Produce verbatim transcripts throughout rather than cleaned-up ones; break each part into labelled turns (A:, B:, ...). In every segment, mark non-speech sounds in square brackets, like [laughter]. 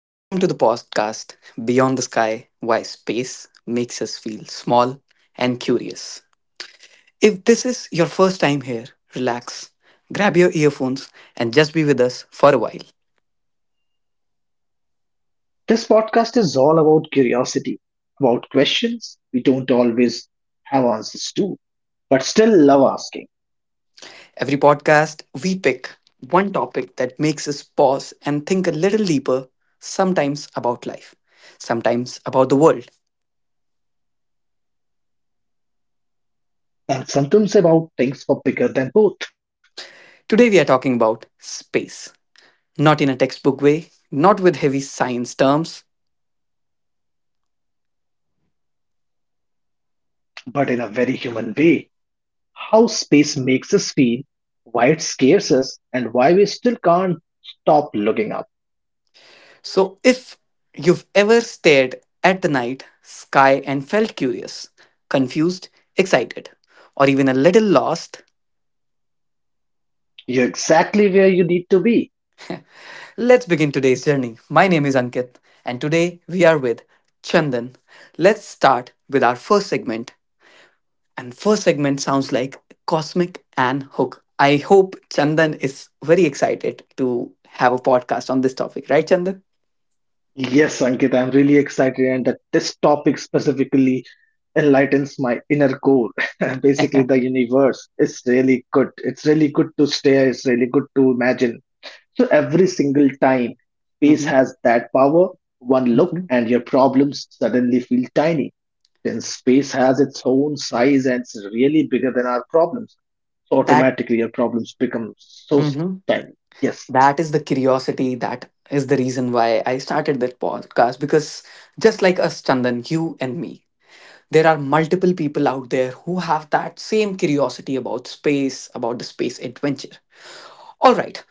A: welcome to the podcast Beyond the Sky Why Space Makes Us Feel Small and Curious. If this is your first time here, relax, grab your earphones, and just be with us for a while.
B: This podcast is all about curiosity, about questions we don't always have answers to, but still love asking,
A: Every podcast, we pick one topic that makes us pause and think a little deeper, sometimes about life, sometimes about the world.
B: and sometimes about things for bigger than both,
A: Today, we are talking about space. Not in a textbook way, not with heavy science terms.
B: but in a very human way. How space makes us feel, why it scares us, and why we still can't stop looking up.
A: So, if you've ever stared at the night sky and felt curious, confused, excited, or even a little lost,
B: You're exactly where you need to be.
A: let's begin today's journey. My name is Ankit, and today we are with Chandan. Let's start with our first segment. And first segment sounds like Cosmic and Hook. I hope Chandan is very excited to have a podcast on this topic, right, Chandan?
B: Yes, Ankit, I'm really excited, and that this topic specifically enlightens my inner core. [laughs] Basically,
A: [laughs]
B: the universe is really good. It's really good to stare, it's really good to imagine. So, every single time space
A: Mhm.
B: has that power, one look
A: Mhm.
B: and your problems suddenly feel tiny. Since space has its own size and it's really bigger than our problems, so
A: That.
B: automatically your problems become so
A: Mm-hmm.
B: tiny. Yes,
A: that is the curiosity, that is the reason why i started this podcast, because just like us, Chandan, you and me, there are multiple people out there who have that same curiosity about space, about the space adventure. All right,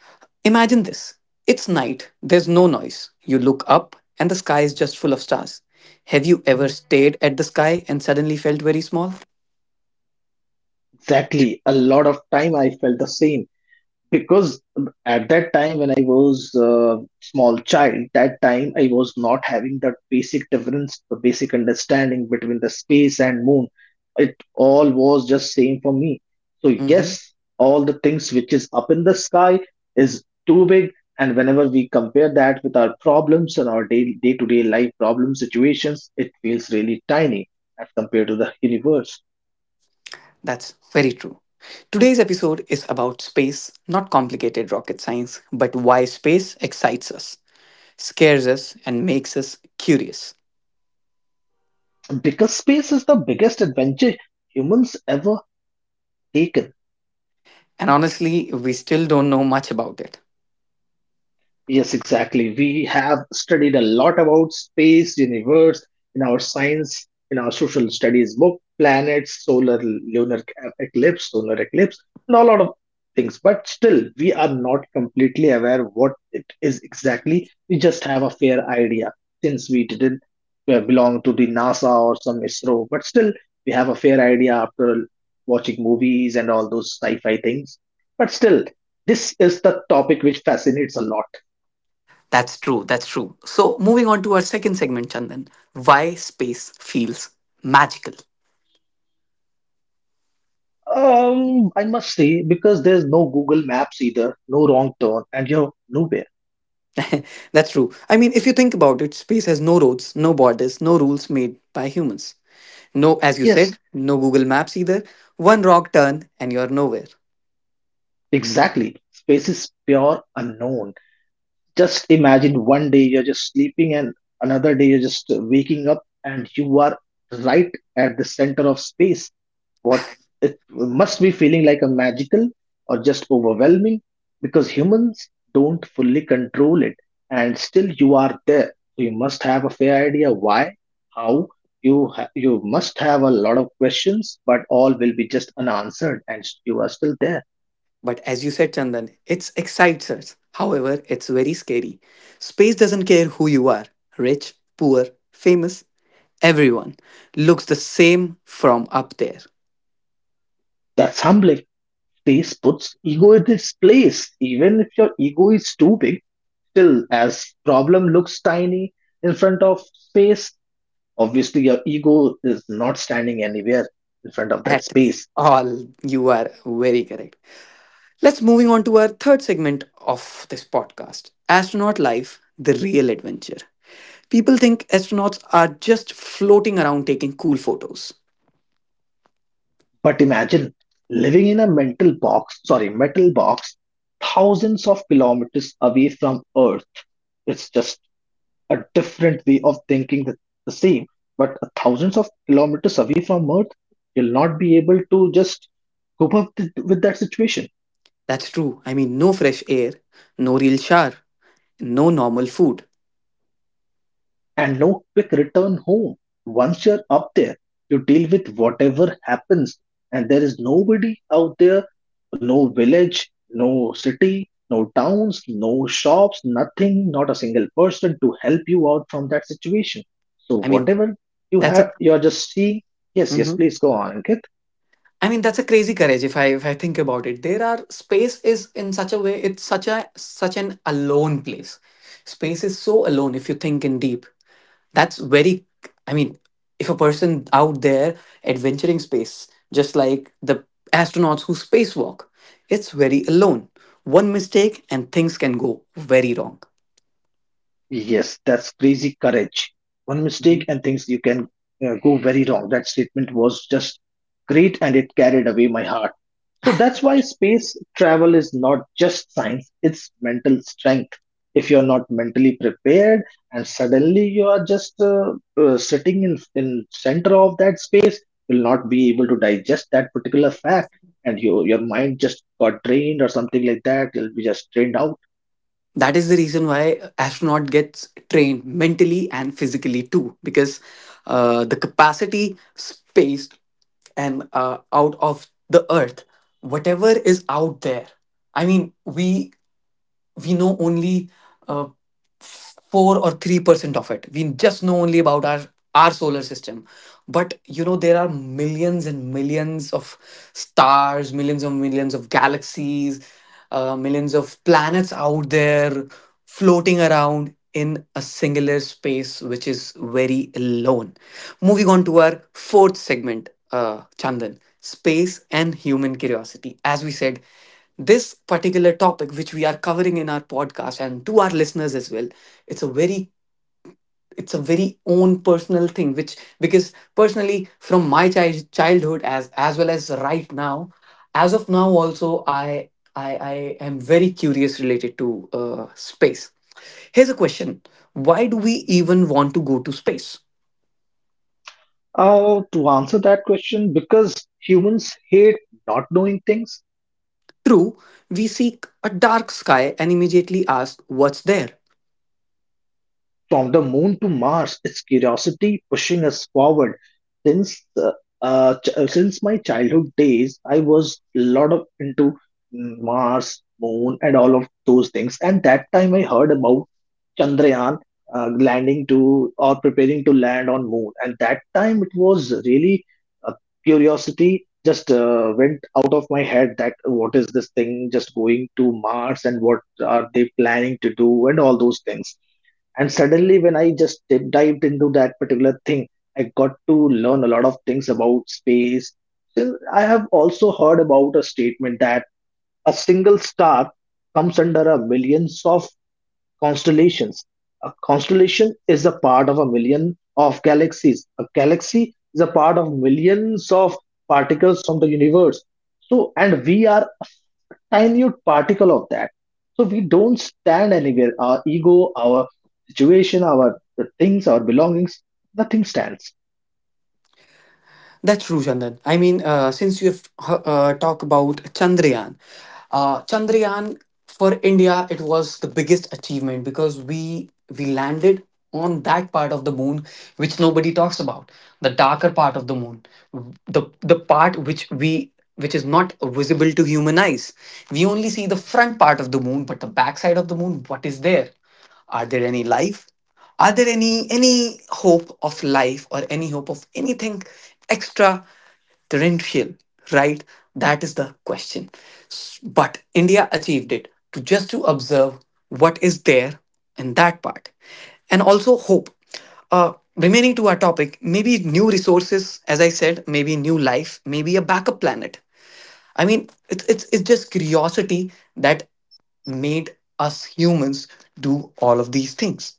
A: imagine this. It's night, there's no noise, you look up and the sky is just full of stars. Have you ever stared at the sky and suddenly felt very small?
B: exactly. A lot of time I felt the same because at that time when I was a small child, that time I was not having that basic difference, the basic understanding between the space and moon. It all was just same for me, so
A: Mhm.
B: yes, all the things which is up in the sky is too big, and whenever we compare that with our problems and our day to day life problem situations, it feels really tiny as compared to the universe,
A: That's very true. Today's episode is about space, not complicated rocket science, but why space excites us, scares us, and makes us curious.
B: because space is the biggest adventure humans ever taken.
A: And honestly, we still don't know much about it.
B: Yes, exactly. We have studied a lot about space, universe in our science, in our social studies book, planets, solar, lunar eclipse, solar eclipse, and a lot of things. But still, we are not completely aware what it is exactly. We just have a fair idea since we didn't uh, belong to the NASA or some I S R O. But still, we have a fair idea after watching movies and all those sci-fi things. But still, this is the topic which fascinates a lot.
A: That's true, that's true. So, moving on to our second segment, Chandan, why space feels magical.
B: Um, I must say, because there's no Google Maps either, no wrong turn, and you're nowhere.
A: [laughs] That's true. I mean, if you think about it, space has no roads, no borders, no rules made by humans. No, as you said,
B: Yes,
A: no Google Maps either. One rock turn and you're nowhere.
B: exactly. Space is pure unknown. Just imagine one day you're just sleeping, and another day you're just waking up, and you are right at the center of space. What it must be feeling like, a magical or just overwhelming, because humans don't fully control it and still you are there. So you must have a fair idea why, how, you ha- you must have a lot of questions, but all will be just unanswered and you are still there.
A: But as you said, Chandan, it excites us. However, it's very scary. Space doesn't care who you are, rich, poor, famous. Everyone looks the same from up there.
B: That's humbling. Space puts ego in its place. Even if your ego is too big, still as problem looks tiny in front of space. Obviously, your ego is not standing anywhere in front of that
A: At
B: space.
A: all, you are very correct. Let's moving on to our third segment of this podcast, astronaut life, the real adventure. People think astronauts are just floating around taking cool photos.
B: But imagine living in a mental box, sorry, metal box, thousands of kilometers away from Earth. It's just a different way of thinking the, the same, but thousands of kilometers away from Earth, you'll not be able to just cope up with, with that situation.
A: That's true. I mean, no fresh air, no real shower, no normal food.
B: And no quick return home. Once you're up there, you deal with whatever happens, and there is nobody out there, no village, no city, no towns, no shops, nothing, not a single person to help you out from that situation. So,
A: I mean,
B: whatever you
A: that's a
B: have, you're just seeing. Yes, yes,
A: Mhm.
B: please go on, Ankit.
A: I mean, that's a crazy courage if I if I think about it. There are space is in such a way, it's such a such an alone place. Space is so alone if you think in deep. That's very, I mean, if a person out there adventuring space, just like the astronauts who spacewalk, it's very alone. One mistake and things can go very wrong.
B: Yes, that's crazy courage. One
A: Mhm.
B: mistake and things you can uh, go very wrong. That statement was just great and it carried away my heart. So that's why space travel is not just science, it's mental strength. If you're not mentally prepared and suddenly you are just uh, uh, sitting in in center of that space, will not be able to digest that particular fact, and you, your mind just got drained or something like that. You'll be just drained out.
A: That is the reason why astronaut gets trained mentally and physically too, because uh, the capacity space and uh, out of the earth, whatever is out there, I mean we we know only uh, four or three percent of it. We just know only about our our solar system, but you know there are millions and millions of stars, millions and millions of galaxies, uh, millions of planets out there floating around in a singular space which is very alone. Moving on to our fourth segment, uh, Chandan, space and human curiosity. As we said, this particular topic which we are covering in our podcast and to our listeners as well, it's a very, it's a very own personal thing, which because personally from my child, childhood as as well as right now, as of now also, i i, I am very curious related to uh, space. Here's a question, why do we even want to go to space?
B: Uh, to answer that question, because humans hate not knowing things,
A: True, we seek a dark sky and immediately ask what's there.
B: from the moon to Mars, it's curiosity pushing us forward. Since uh, uh, ch- uh, since my childhood days, I was a lot of into Mars, moon, and all of those things. And that time, I heard about Chandrayaan uh, landing to or preparing to land on moon. And that time, it was really uh, curiosity just uh, went out of my head, that what is this thing just going to Mars and what are they planning to do and all those things. And suddenly when I just dip- dived into that particular thing, I got to learn a lot of things about space. Then I have also heard about a statement that a single star comes under a millions of constellations, a constellation is a part of a million of galaxies, a galaxy is a part of millions of particles from the universe. So, and we are minute particle of that. So we don't stand anywhere. Our ego, our situation, our things, our belongings, nothing stands.
A: That's true, Chandan. I mean, uh, since you have uh, talked about Chandrayaan, uh, Chandrayaan for India, it was the biggest achievement, because we we landed on that part of the moon which nobody talks about, the darker part of the moon, the the part which we, which is not visible to human eyes. We only see the front part of the moon, but the back side of the moon, what is there? Are there any life? Are there any any hope of life or any hope of anything extraterrestrial? Right? That is the question. S- But India achieved it to just to observe what is there in that part, and also hope. Uh, remaining to our topic, maybe new resources, as I said, maybe new life, maybe a backup planet. I mean, it's it's it's just curiosity that made us humans do all of these things.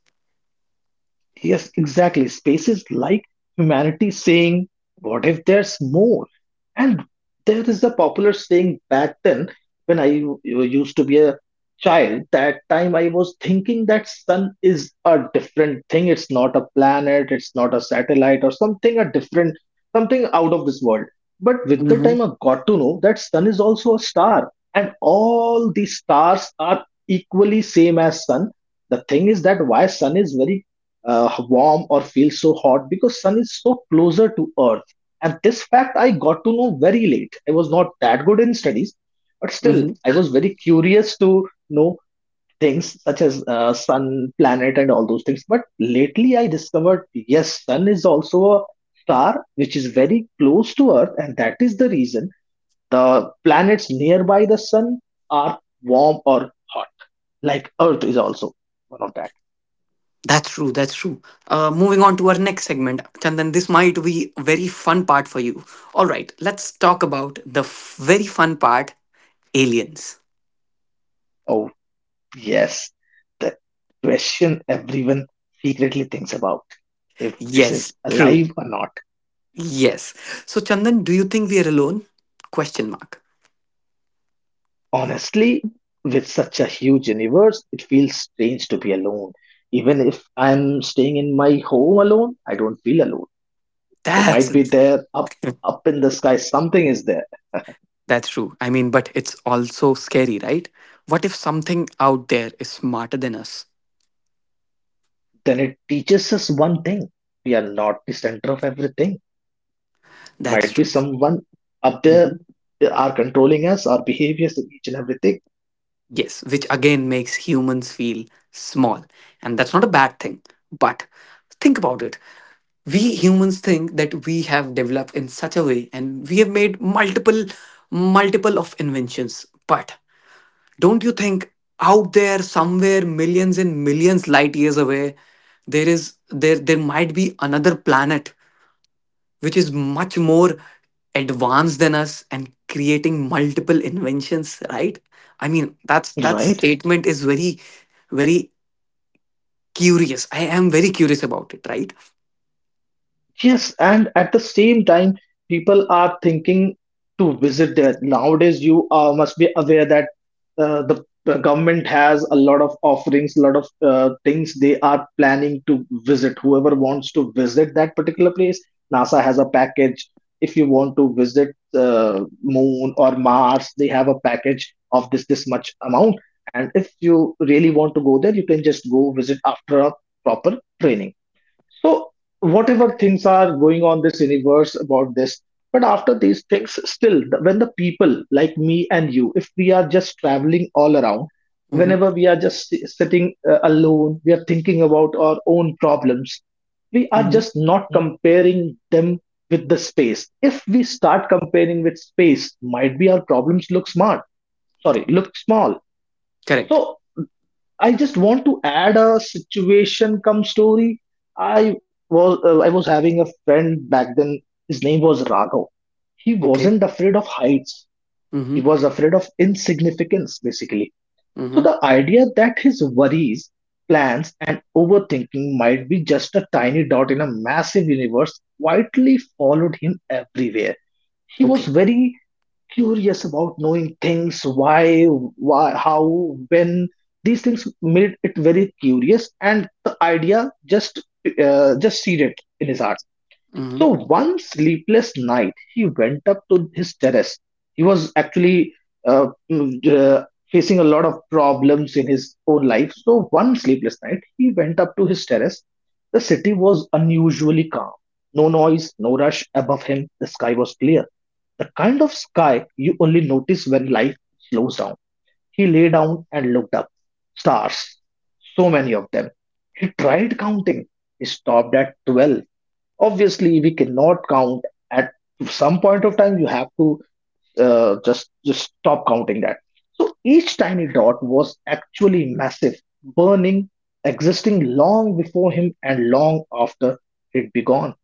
B: Yes, exactly. Spaces like humanity saying, "What if there's more?" And there is a popular saying back then when I u- used to be a child. That time I was thinking that sun is a different thing. It's not a planet, it's not a satellite or something, a different, something out of this world. But with the
A: Hmm.
B: time I got to know that sun is also a star and all the stars are equally same as sun. The thing is that why sun is very uh, warm or feel so hot, because sun is so closer to earth. And this fact I got to know very late. I was not that good in studies, but still
A: Hmm.
B: I was very curious to know things such as uh, sun, planet and all those things. But lately I discovered, yes, sun is also a star which is very close to earth, and that is the reason the planets nearby the sun are warm or hot, like earth is also one of that.
A: That's true. That's true. Uh, moving on to our next segment, Chandan, this might be a very fun part for you. All right, let's talk about the f- very fun part, aliens.
B: Yes, the question everyone secretly thinks about, if this
A: Yes,
B: is
A: true.
B: alive or not.
A: Yes. So, Chandan, do you think we are alone? Question mark.
B: Honestly, with such a huge universe, it feels strange to be alone. Even if I'm staying in my home alone, I don't feel alone. So
A: That's
B: might be there up up in the sky something is there.
A: That's true. I mean, but it's also scary, right? What if something out there is smarter than us?
B: Then it teaches us one thing. We are not the center of everything.
A: That's
B: Might be
A: true.
B: someone up there,
A: Mhm.
B: they are controlling us, our behaviors, and each and everything.
A: Yes, which again makes humans feel small. And that's not a bad thing. But think about it. We humans think that we have developed in such a way and we have made multiple, multiple of inventions. But don't you think out there somewhere millions and millions light years away, there is there there might be another planet which is much more advanced than us and creating multiple inventions, right? I mean, that's that
B: Right?
A: statement is very, very curious, I am very curious about it, right?
B: Yes, and at the same time, people are thinking to visit there. Nowadays, you uh, must be aware that uh, the, the government has a lot of offerings, a lot of uh, things they are planning to visit. Whoever wants to visit that particular place, NASA has a package. If you want to visit uh, Moon or Mars, they have a package of this this much amount. And if you really want to go there, you can just go visit after a proper training. So whatever things are going on this universe about this, but after these things, still the- when the people like me and you, if we are just traveling all around,
A: Mm-hmm.
B: whenever we are just si- sitting uh, alone, we are thinking about our own problems. We are
A: Mm-hmm.
B: just not comparing them with the space. If we start comparing with space, might be our problems look smart. Sorry, look small.
A: Correct.
B: So I just want to add a situation come story. I was uh, I was having a friend back then. His name was Raghav. He
A: Okay.
B: wasn't afraid of heights.
A: Mm-hmm.
B: He was afraid of insignificance, basically. So
A: Mm-hmm.
B: the idea that his worries, plans, and overthinking might be just a tiny dot in a massive universe quietly followed him everywhere. He was
A: Okay.
B: very curious about knowing things, why why how, when. These things made it very curious and the idea just uh, just seeded in his heart.
A: Mm-hmm.
B: So one sleepless night he went up to his terrace. He was actually uh, mm, uh, facing a lot of problems in his own life. So one sleepless night he went up to his terrace. The city was unusually calm, no noise, no rush. Above him the sky was clear, the kind of sky you only notice when life slows down. He lay down and looked up. Stars. So many of them. He tried counting. He stopped at twelve. Obviously, we cannot count at some point of time. You have to uh, just, just stop counting that. So each tiny dot was actually massive, burning, existing long before him and long after he'd be gone.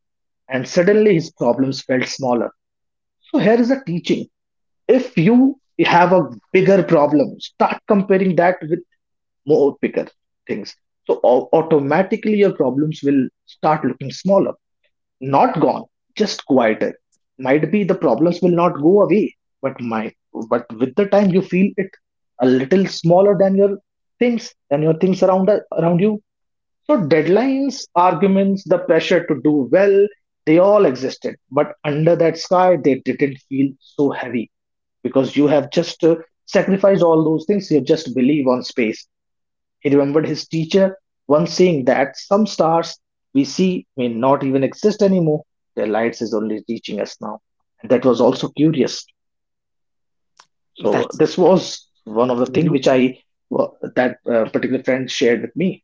B: And suddenly his problems felt smaller. So here is a teaching, if you have a bigger problem, start comparing that with more bigger things, so au- automatically your problems will start looking smaller. Not gone, just quieter. Might be the problems will not go away, but my but with the time you feel it a little smaller than your things than your things around around you. So deadlines, arguments, the pressure to do well, they all existed. But under that sky, they didn't feel so heavy, because you have just uh, sacrificed all those things. You just believe on space. He remembered his teacher once saying that some stars we see may not even exist anymore. Their lights is only teaching us now. And that was also curious. So
A: That's
B: this was one of the things which
A: Mm-hmm.
B: I wa- that uh, particular friend shared with me.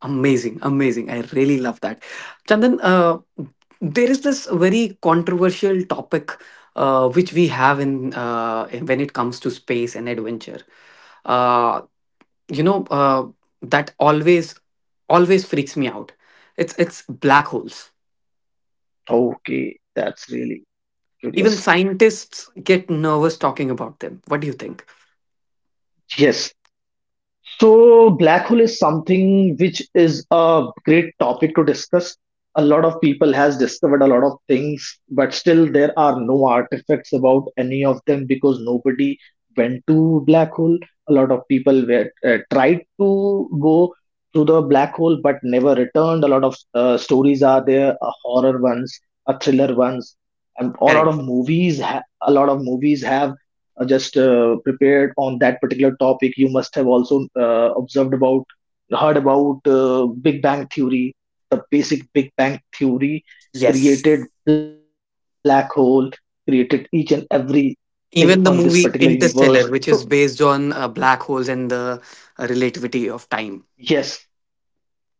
A: Amazing, amazing. I really love that. Chandan, uh, there is this very controversial topic uh, which we have in uh, in- when it comes to space and adventure. Uh, you know uh, that always, always freaks me out. It's it's black holes.
B: Okay, that's really
A: Even
B: curious.
A: scientists get nervous talking about them. What do you think?
B: Yes. So black hole is something which is a great topic to discuss. A lot of people has discovered a lot of things, but still there are no artifacts about any of them because nobody went to black hole. A lot of people were uh, tried to go through the black hole but never returned. A lot of uh, stories are there, uh, horror ones, a thriller ones, and a lot
A: Correct.
B: of movies. Ha- a lot of movies have uh, just uh, prepared on that particular topic. You must have also uh, observed about, heard about uh, Big Bang Theory. The basic Big Bang Theory created
A: Yes.
B: black hole, created each and everything on this
A: Even
B: particular
A: the movie
B: universe. So
A: Interstellar, which is based on uh, black holes and the uh, relativity of time.
B: yes,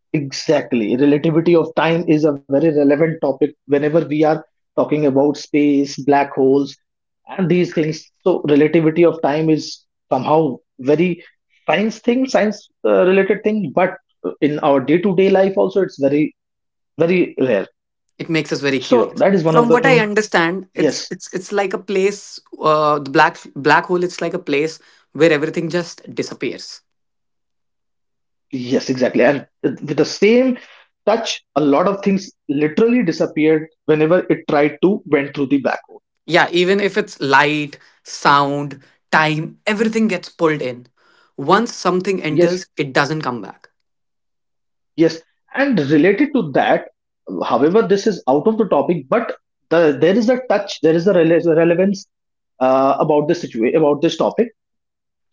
B: exactly. Relativity of time is a very relevant topic whenever we are talking about space, black holes, and these things. So, relativity of time is somehow very science thing, science uh, related thing, but in our day to day life also, it's very, very rare.
A: It makes us very curious.
B: So, that is
A: From
B: one of
A: what
B: the
A: I
B: thing.
A: understand, it's
B: Yes,
A: it's it's like a place, uh, the black black hole, it's like a place where everything just disappears.
B: yes, exactly. And with the same touch, a lot of things literally disappeared whenever it tried to went through the black hole.
A: Yeah, even if it's light, sound, time, everything gets pulled in. Once something
B: Yes,
A: enters, it doesn't come back.
B: yes, and related to that, however, this is out of the topic, but the, there is a touch, there is a rele- relevance uh, about this situation, about this topic.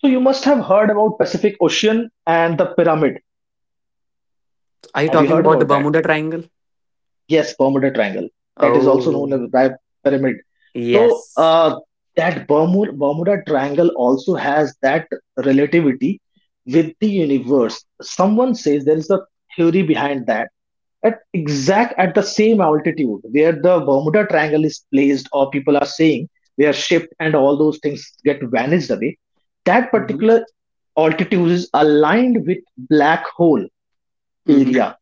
B: So you must have heard about Pacific Ocean and the pyramid.
A: Are you
B: Have you
A: talking
B: heard
A: about the
B: about that?
A: Bermuda Triangle?
B: Yes, Bermuda Triangle. That is also known as
A: Oh,
B: the Pi- pyramid. So
A: yes.
B: uh, that Bermuda, Bermuda Triangle also has that relativity with the universe. Someone says there is a theory behind that at exact at the same altitude where the Bermuda Triangle is placed, or people are saying we are shipped and all those things get vanished away, that
A: Hmm.
B: particular altitude is aligned with black hole area.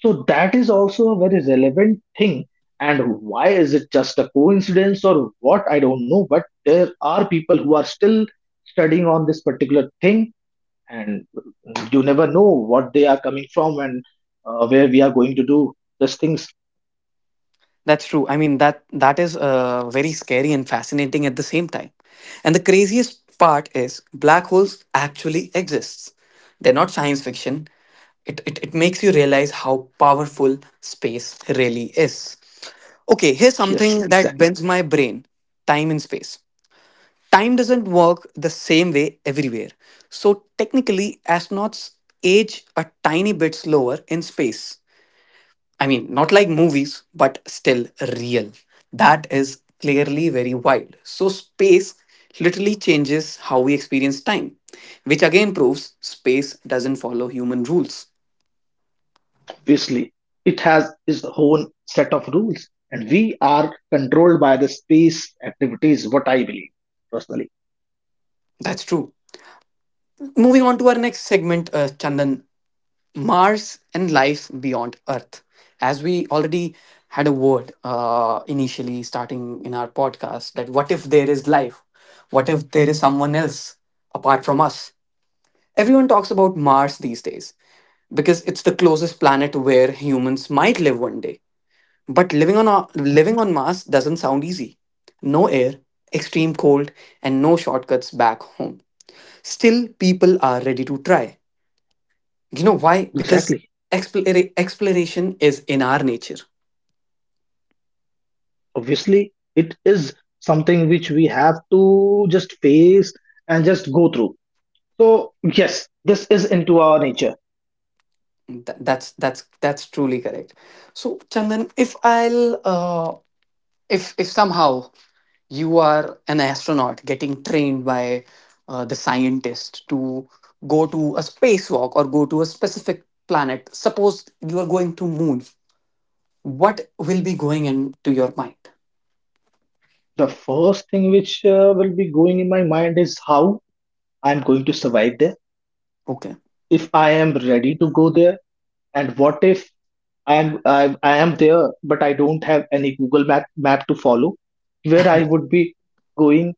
B: So that is also a very relevant thing. And why is it just a coincidence or what? I don't know. But there are people who are still studying on this particular thing, and you never know what they are coming from and uh, where we are going to do these things.
A: That's true. I mean that that is uh, very scary and fascinating at the same time. And the craziest part is black holes actually exists. They're not science fiction. It, it, it makes you realize how powerful space really is. Okay, here's
B: Yes,
A: something that
B: exactly.
A: bends my brain, time and space. Time doesn't work the same way everywhere. So, technically, astronauts age a tiny bit slower in space. I mean, not like movies, but still real. That is clearly very wild. So, space literally changes how we experience time, which again proves space doesn't follow human rules.
B: Obviously, it has its own set of rules, and we are controlled by the space activities, what I believe personally.
A: That's true. Moving on to our next segment, uh, Chandan, Mars and life beyond Earth. As we already had a word uh, initially starting in our podcast, that what if there is life? What if there is someone else apart from us? Everyone talks about Mars these days, because it's the closest planet where humans might live one day. But living on a, living on Mars doesn't sound easy. No air, extreme cold, and no shortcuts back home. Still, people are ready to try. You know why? Because
B: Exactly.
A: explora- exploration is in our nature.
B: Obviously, it is something which we have to just face and just go through. So, yes, this is into our nature.
A: Th- that's that's that's truly correct. So, Chandan, if I'll uh, if if somehow you are an astronaut getting trained by uh, the scientist to go to a spacewalk or go to a specific planet, suppose you are going to moon, what will be going into your mind?
B: The first thing which uh, will be going in my mind is how I'm going to survive there,
A: Okay.
B: if I am ready to go there, and what if I'm, I'm I am there, but I don't have any Google map map to follow. Where I would be going,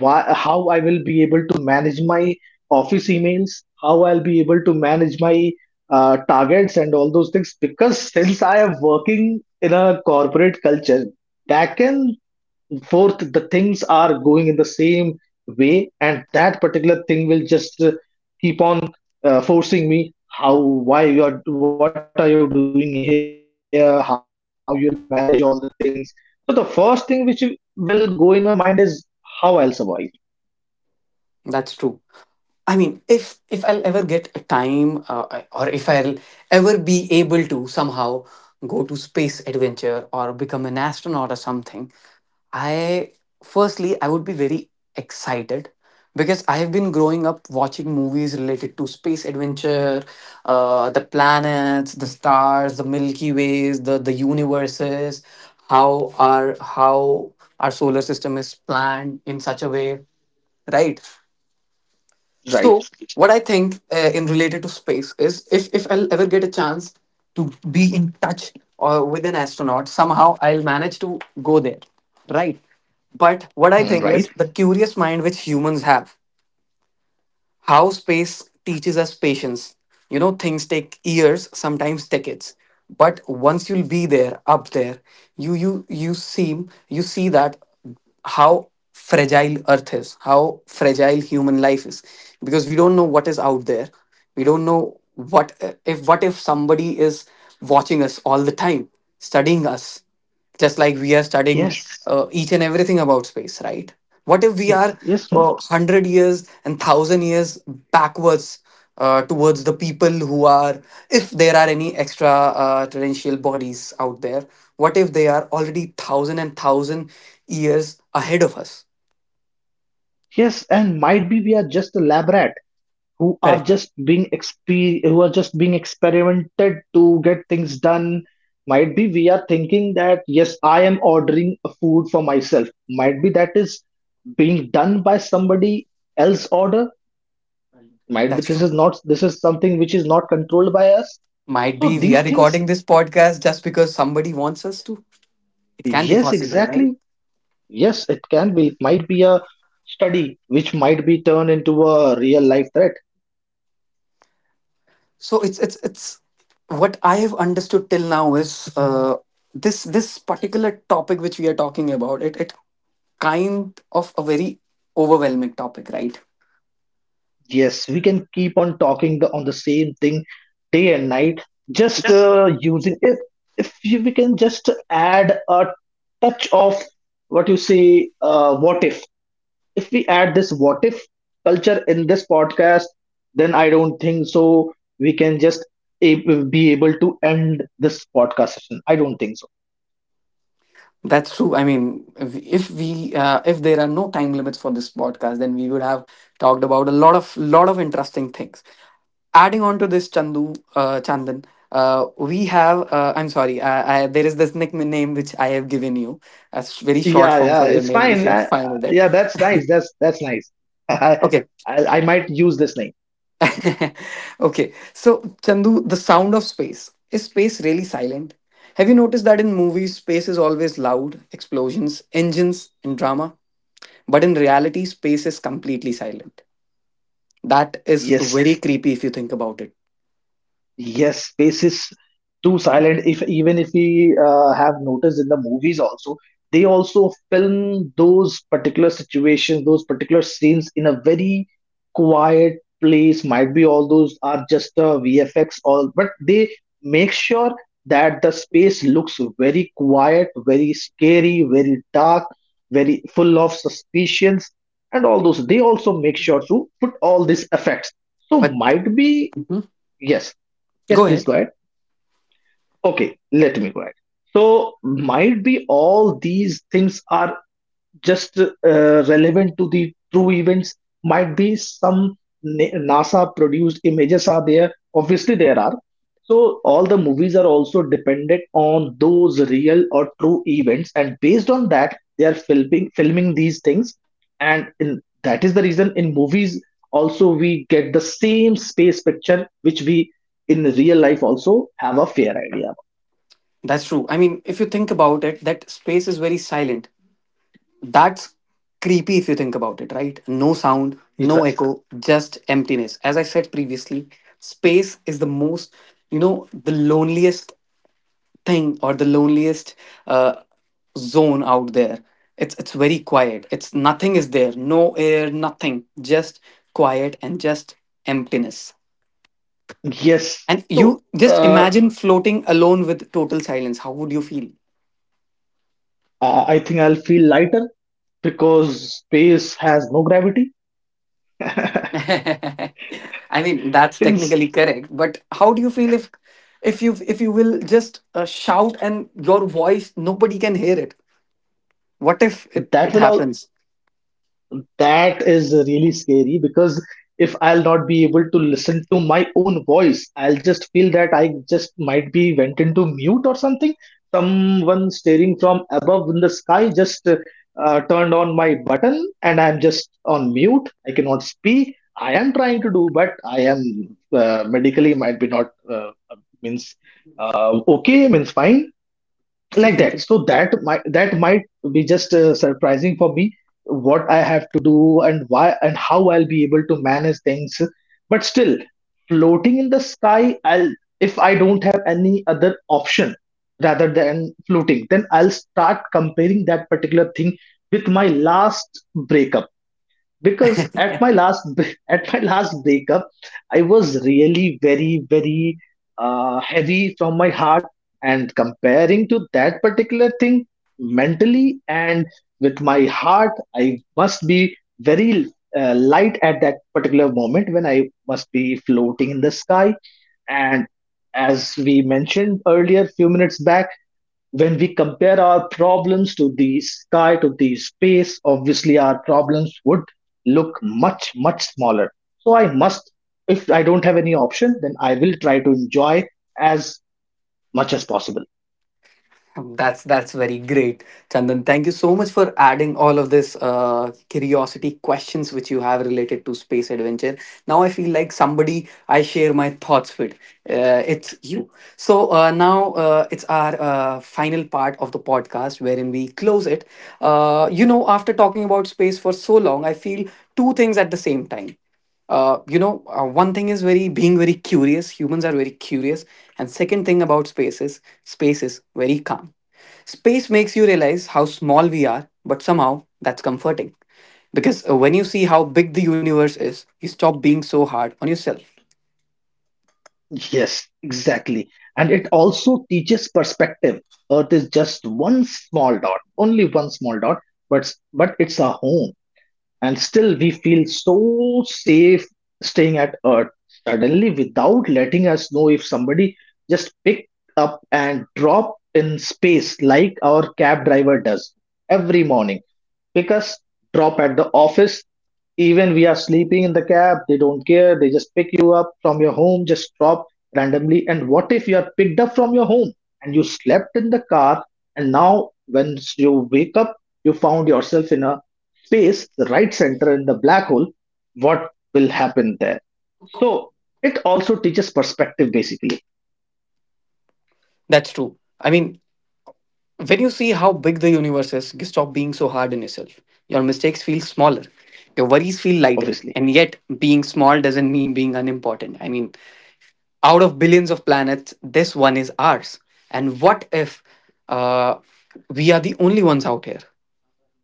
B: why, how I will be able to manage my office emails, how I'll be able to manage my uh, targets and all those things. Because since I am working in a corporate culture, that can Fourth, the things are going in the same way, and that particular thing will just uh, keep on uh, forcing me how, why you are, what are you doing here, how you'll manage all the things. So the first thing which will go in my mind is how I'll survive.
A: That's true. I mean, if if I'll ever get a time, uh, I- or if I'll ever be able to somehow go to space adventure or become an astronaut or something, I, firstly I would be very excited, because I have been growing up watching movies related to space adventure, uh, the planets, the stars, the Milky Ways, the the universes, how our how our solar system is planned in such a way, right?
B: Right.
A: So, what I think uh, in related to space is, if, if I'll ever get a chance to be in touch or with an astronaut, somehow I'll manage to go there, right? But what I
B: Mm,
A: think is
B: right.
A: the curious mind which humans have, how space teaches us patience. You know, things take years, sometimes decades. But once you'll be there, up there, you you you seem you see that how fragile earth is, how fragile human life is. Because we don't know what is out there. We don't know what if what if somebody is watching us all the time, studying us just like we are studying
B: Yes.
A: uh, each and everything about space, right? What if we
B: Mm,
A: are
B: yes.
A: uh,
B: Mm,
A: one hundred years and one thousand years backwards, uh, towards the people who are, if there are any extra uh, terrestrial bodies out there, what if they are already one thousand years ahead of us?
B: yes. And might be we are just a lab rat who are
A: Correct.
B: just being exper- who are just being experimented to get things done. Might be we are thinking that yes, I am ordering a food for myself. Might be that is being done by somebody else order. Might be
A: That's
B: this
A: true,
B: is not, this is something which is not controlled by us.
A: might
B: So
A: be we
B: these
A: are
B: things,
A: recording this podcast just because somebody wants us to. It can be
B: yes,
A: possible,
B: exactly.
A: right?
B: Yes, it can be. It might be a study which might be turned into a real life threat.
A: So it's it's it's what I have understood till now is, uh, this this particular topic which we are talking about, it it kind of a very overwhelming topic, right?
B: Yes, we can keep on talking the, on the same thing day and night. Just uh, using if if you, we can just add a touch of what you say, uh, what if? If we add this what if culture in this podcast, then I don't think so. We can just a- Be able to end this podcast session. I don't think so.
A: That's true. I mean, if if we, uh, if there are no time limits for this podcast, then we would have talked about a lot of lot of interesting things. Adding on to this, Chandu, uh, Chandan, uh, we have, uh, I'm sorry. I, I, there is this nickname which I have given you, a s- very short
B: Yeah,
A: form
B: yeah,
A: for your
B: it's
A: name, if
B: fine.
A: you're
B: I, I-
A: fine with it.
B: yeah, that's nice. That's that's nice. [laughs] I
A: Okay.
B: I might use this name.
A: [laughs] Okay, so Chandu, the sound of space. Is space really silent? Have you noticed that in movies, space is always loud, explosions, engines, and drama? But in reality, space is completely silent. That is
B: Yes.
A: very creepy if you think about it.
B: Yes, space is too silent. If even if we uh, have noticed in the movies also, they also film those particular situations, those particular scenes in a very quiet place. Might be all those are just uh, V F X, all, but they make sure that the space looks very quiet, very scary, very dark, very full of suspicions, and all those. They also make sure to put all these effects. So
A: But
B: might be
A: Mhm.
B: yes. Yes,
A: Go
B: please
A: ahead.
B: go ahead. Okay, let me go ahead. So, might be all these things are just uh, relevant to the true events. Might be some Na- nasa produced images are there, obviously there are. So all the movies are also dependent on those real or true events, and based on that they are filming filming these things. And in, that is the reason in movies also we get the same space picture which we in real life also have a fair idea
A: That's true. I mean, if you think about it, that space is very silent. That's creepy if you think about it, right? No sound, no
B: about.
A: echo, just emptiness. As I said previously, space is the most, you know, the loneliest thing or the loneliest uh, zone out there. It's it's very quiet. It's nothing is there, no air, nothing, just quiet and just emptiness.
B: Yes.
A: And
B: So
A: you just
B: uh,
A: imagine floating alone with total silence. How would you feel?
B: uh, I think I'll feel lighter because space has no gravity. [laughs]
A: [laughs] I mean, that's
B: It's-
A: technically correct, but how do you feel if if you if you will just uh, shout and your voice nobody can hear it? What if it,
B: that
A: it
B: will all,
A: happens?
B: that is really scary because if I'll not be able to listen to my own voice, I'll just feel that I just might be went into mute or something. Someone staring from above in the sky just uh, uh, turned on my button and I'm just on mute. I cannot speak. I am trying to do, but I am uh, medically might be not uh, uh, means uh, okay, means fine, like
A: [laughs]
B: that. So that might that might be just uh, surprising for me, what I have to do and why and how I'll be able to manage things. But still, floating in the sky, I'll, if I don't have any other option rather than floating, then I'll start comparing that particular thing with my last breakup. Because at my last [laughs] at my last breakup, I was really very very uh, heavy from my heart, and comparing to that particular thing mentally and with my heart, I must be very uh, light at that particular moment when I must be floating in the sky. And as we mentioned earlier few minutes back, when we compare our problems to the sky, to the space, obviously our problems would look much, much smaller. So I must, if I don't have any option, then I will try to enjoy as much as possible.
A: That's that's very great, Chandan. Thank you so much for adding all of this uh, curiosity questions which you have related to space adventure. Now I feel like somebody I share my thoughts with. Uh, it's you. So uh, now uh, it's our uh, final part of the podcast wherein we close it. Uh, you know, after talking about space for so long, I feel two things at the same time. Uh, you know, uh, one thing is very being very curious, humans are very curious, and second thing about space is space is very calm. Space makes you realize how small we are, but somehow that's comforting because uh, when you see how big the universe is, you stop being so hard on yourself.
B: Yes, exactly. And it also teaches perspective. Earth is just one small dot, only one small dot, but but it's our home. And still we feel so safe staying at earth, suddenly without letting us know, if somebody just picked up and drop in space like our cab driver does every morning, pick us, drop at the office. Even we are sleeping in the cab, they don't care, they just pick you up from your home, just drop randomly. And what if you are picked up from your home and you slept in the car, and now when you wake up, you found yourself in a space, the right center, in the black hole, what will happen there. So it also teaches perspective, basically,
A: That's true. I mean, when you see how big the universe is, you stop being so hard on yourself. Your mistakes feel smaller, your worries feel lighter,
B: obviously.
A: and yet being small doesn't mean being unimportant. I mean, out of billions of planets, this one is ours. And what if uh, we are the only ones out here?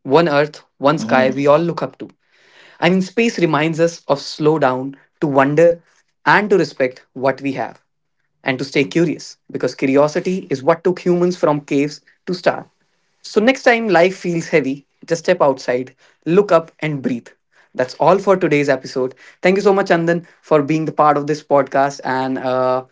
A: One Earth, one sky,
B: Mm.
A: we all look up to. I mean, space reminds us of slow down, to wonder, and to respect what we have, and to stay curious, because curiosity is what took humans from caves to stars. So, next time life feels heavy, just step outside, look up, and breathe. That's all for today's episode. Thank you so much, Andan, for being the part of this podcast and uh,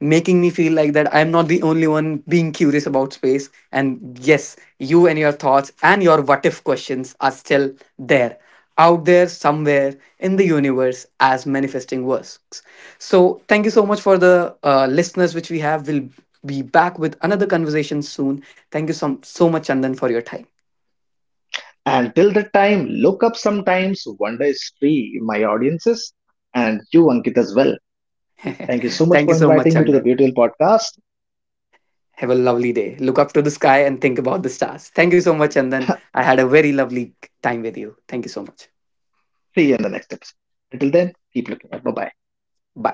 A: making me feel like that I'm not the only one being curious about space. And yes, you and your thoughts and your what if questions are still there, out there somewhere in the universe as manifesting works. So thank you so much for the uh, listeners which we have. We'll be back with another conversation soon. Thank you so, so much, Chandan, for your time.
B: And till the time, look up sometimes. Wonder is free, my audiences, and you, Ankit, as well. Thank you so
A: [laughs]
B: much
A: Thank
B: for
A: you so much,
B: inviting me to the
A: Chandan.
B: beautiful podcast.
A: Have a lovely day. Look up to the sky and think about the stars. Thank you so much, Chandan. I had a very lovely time with you. Thank you so much.
B: See you in the next episode. Until then, keep looking up. Bye bye.
A: Bye.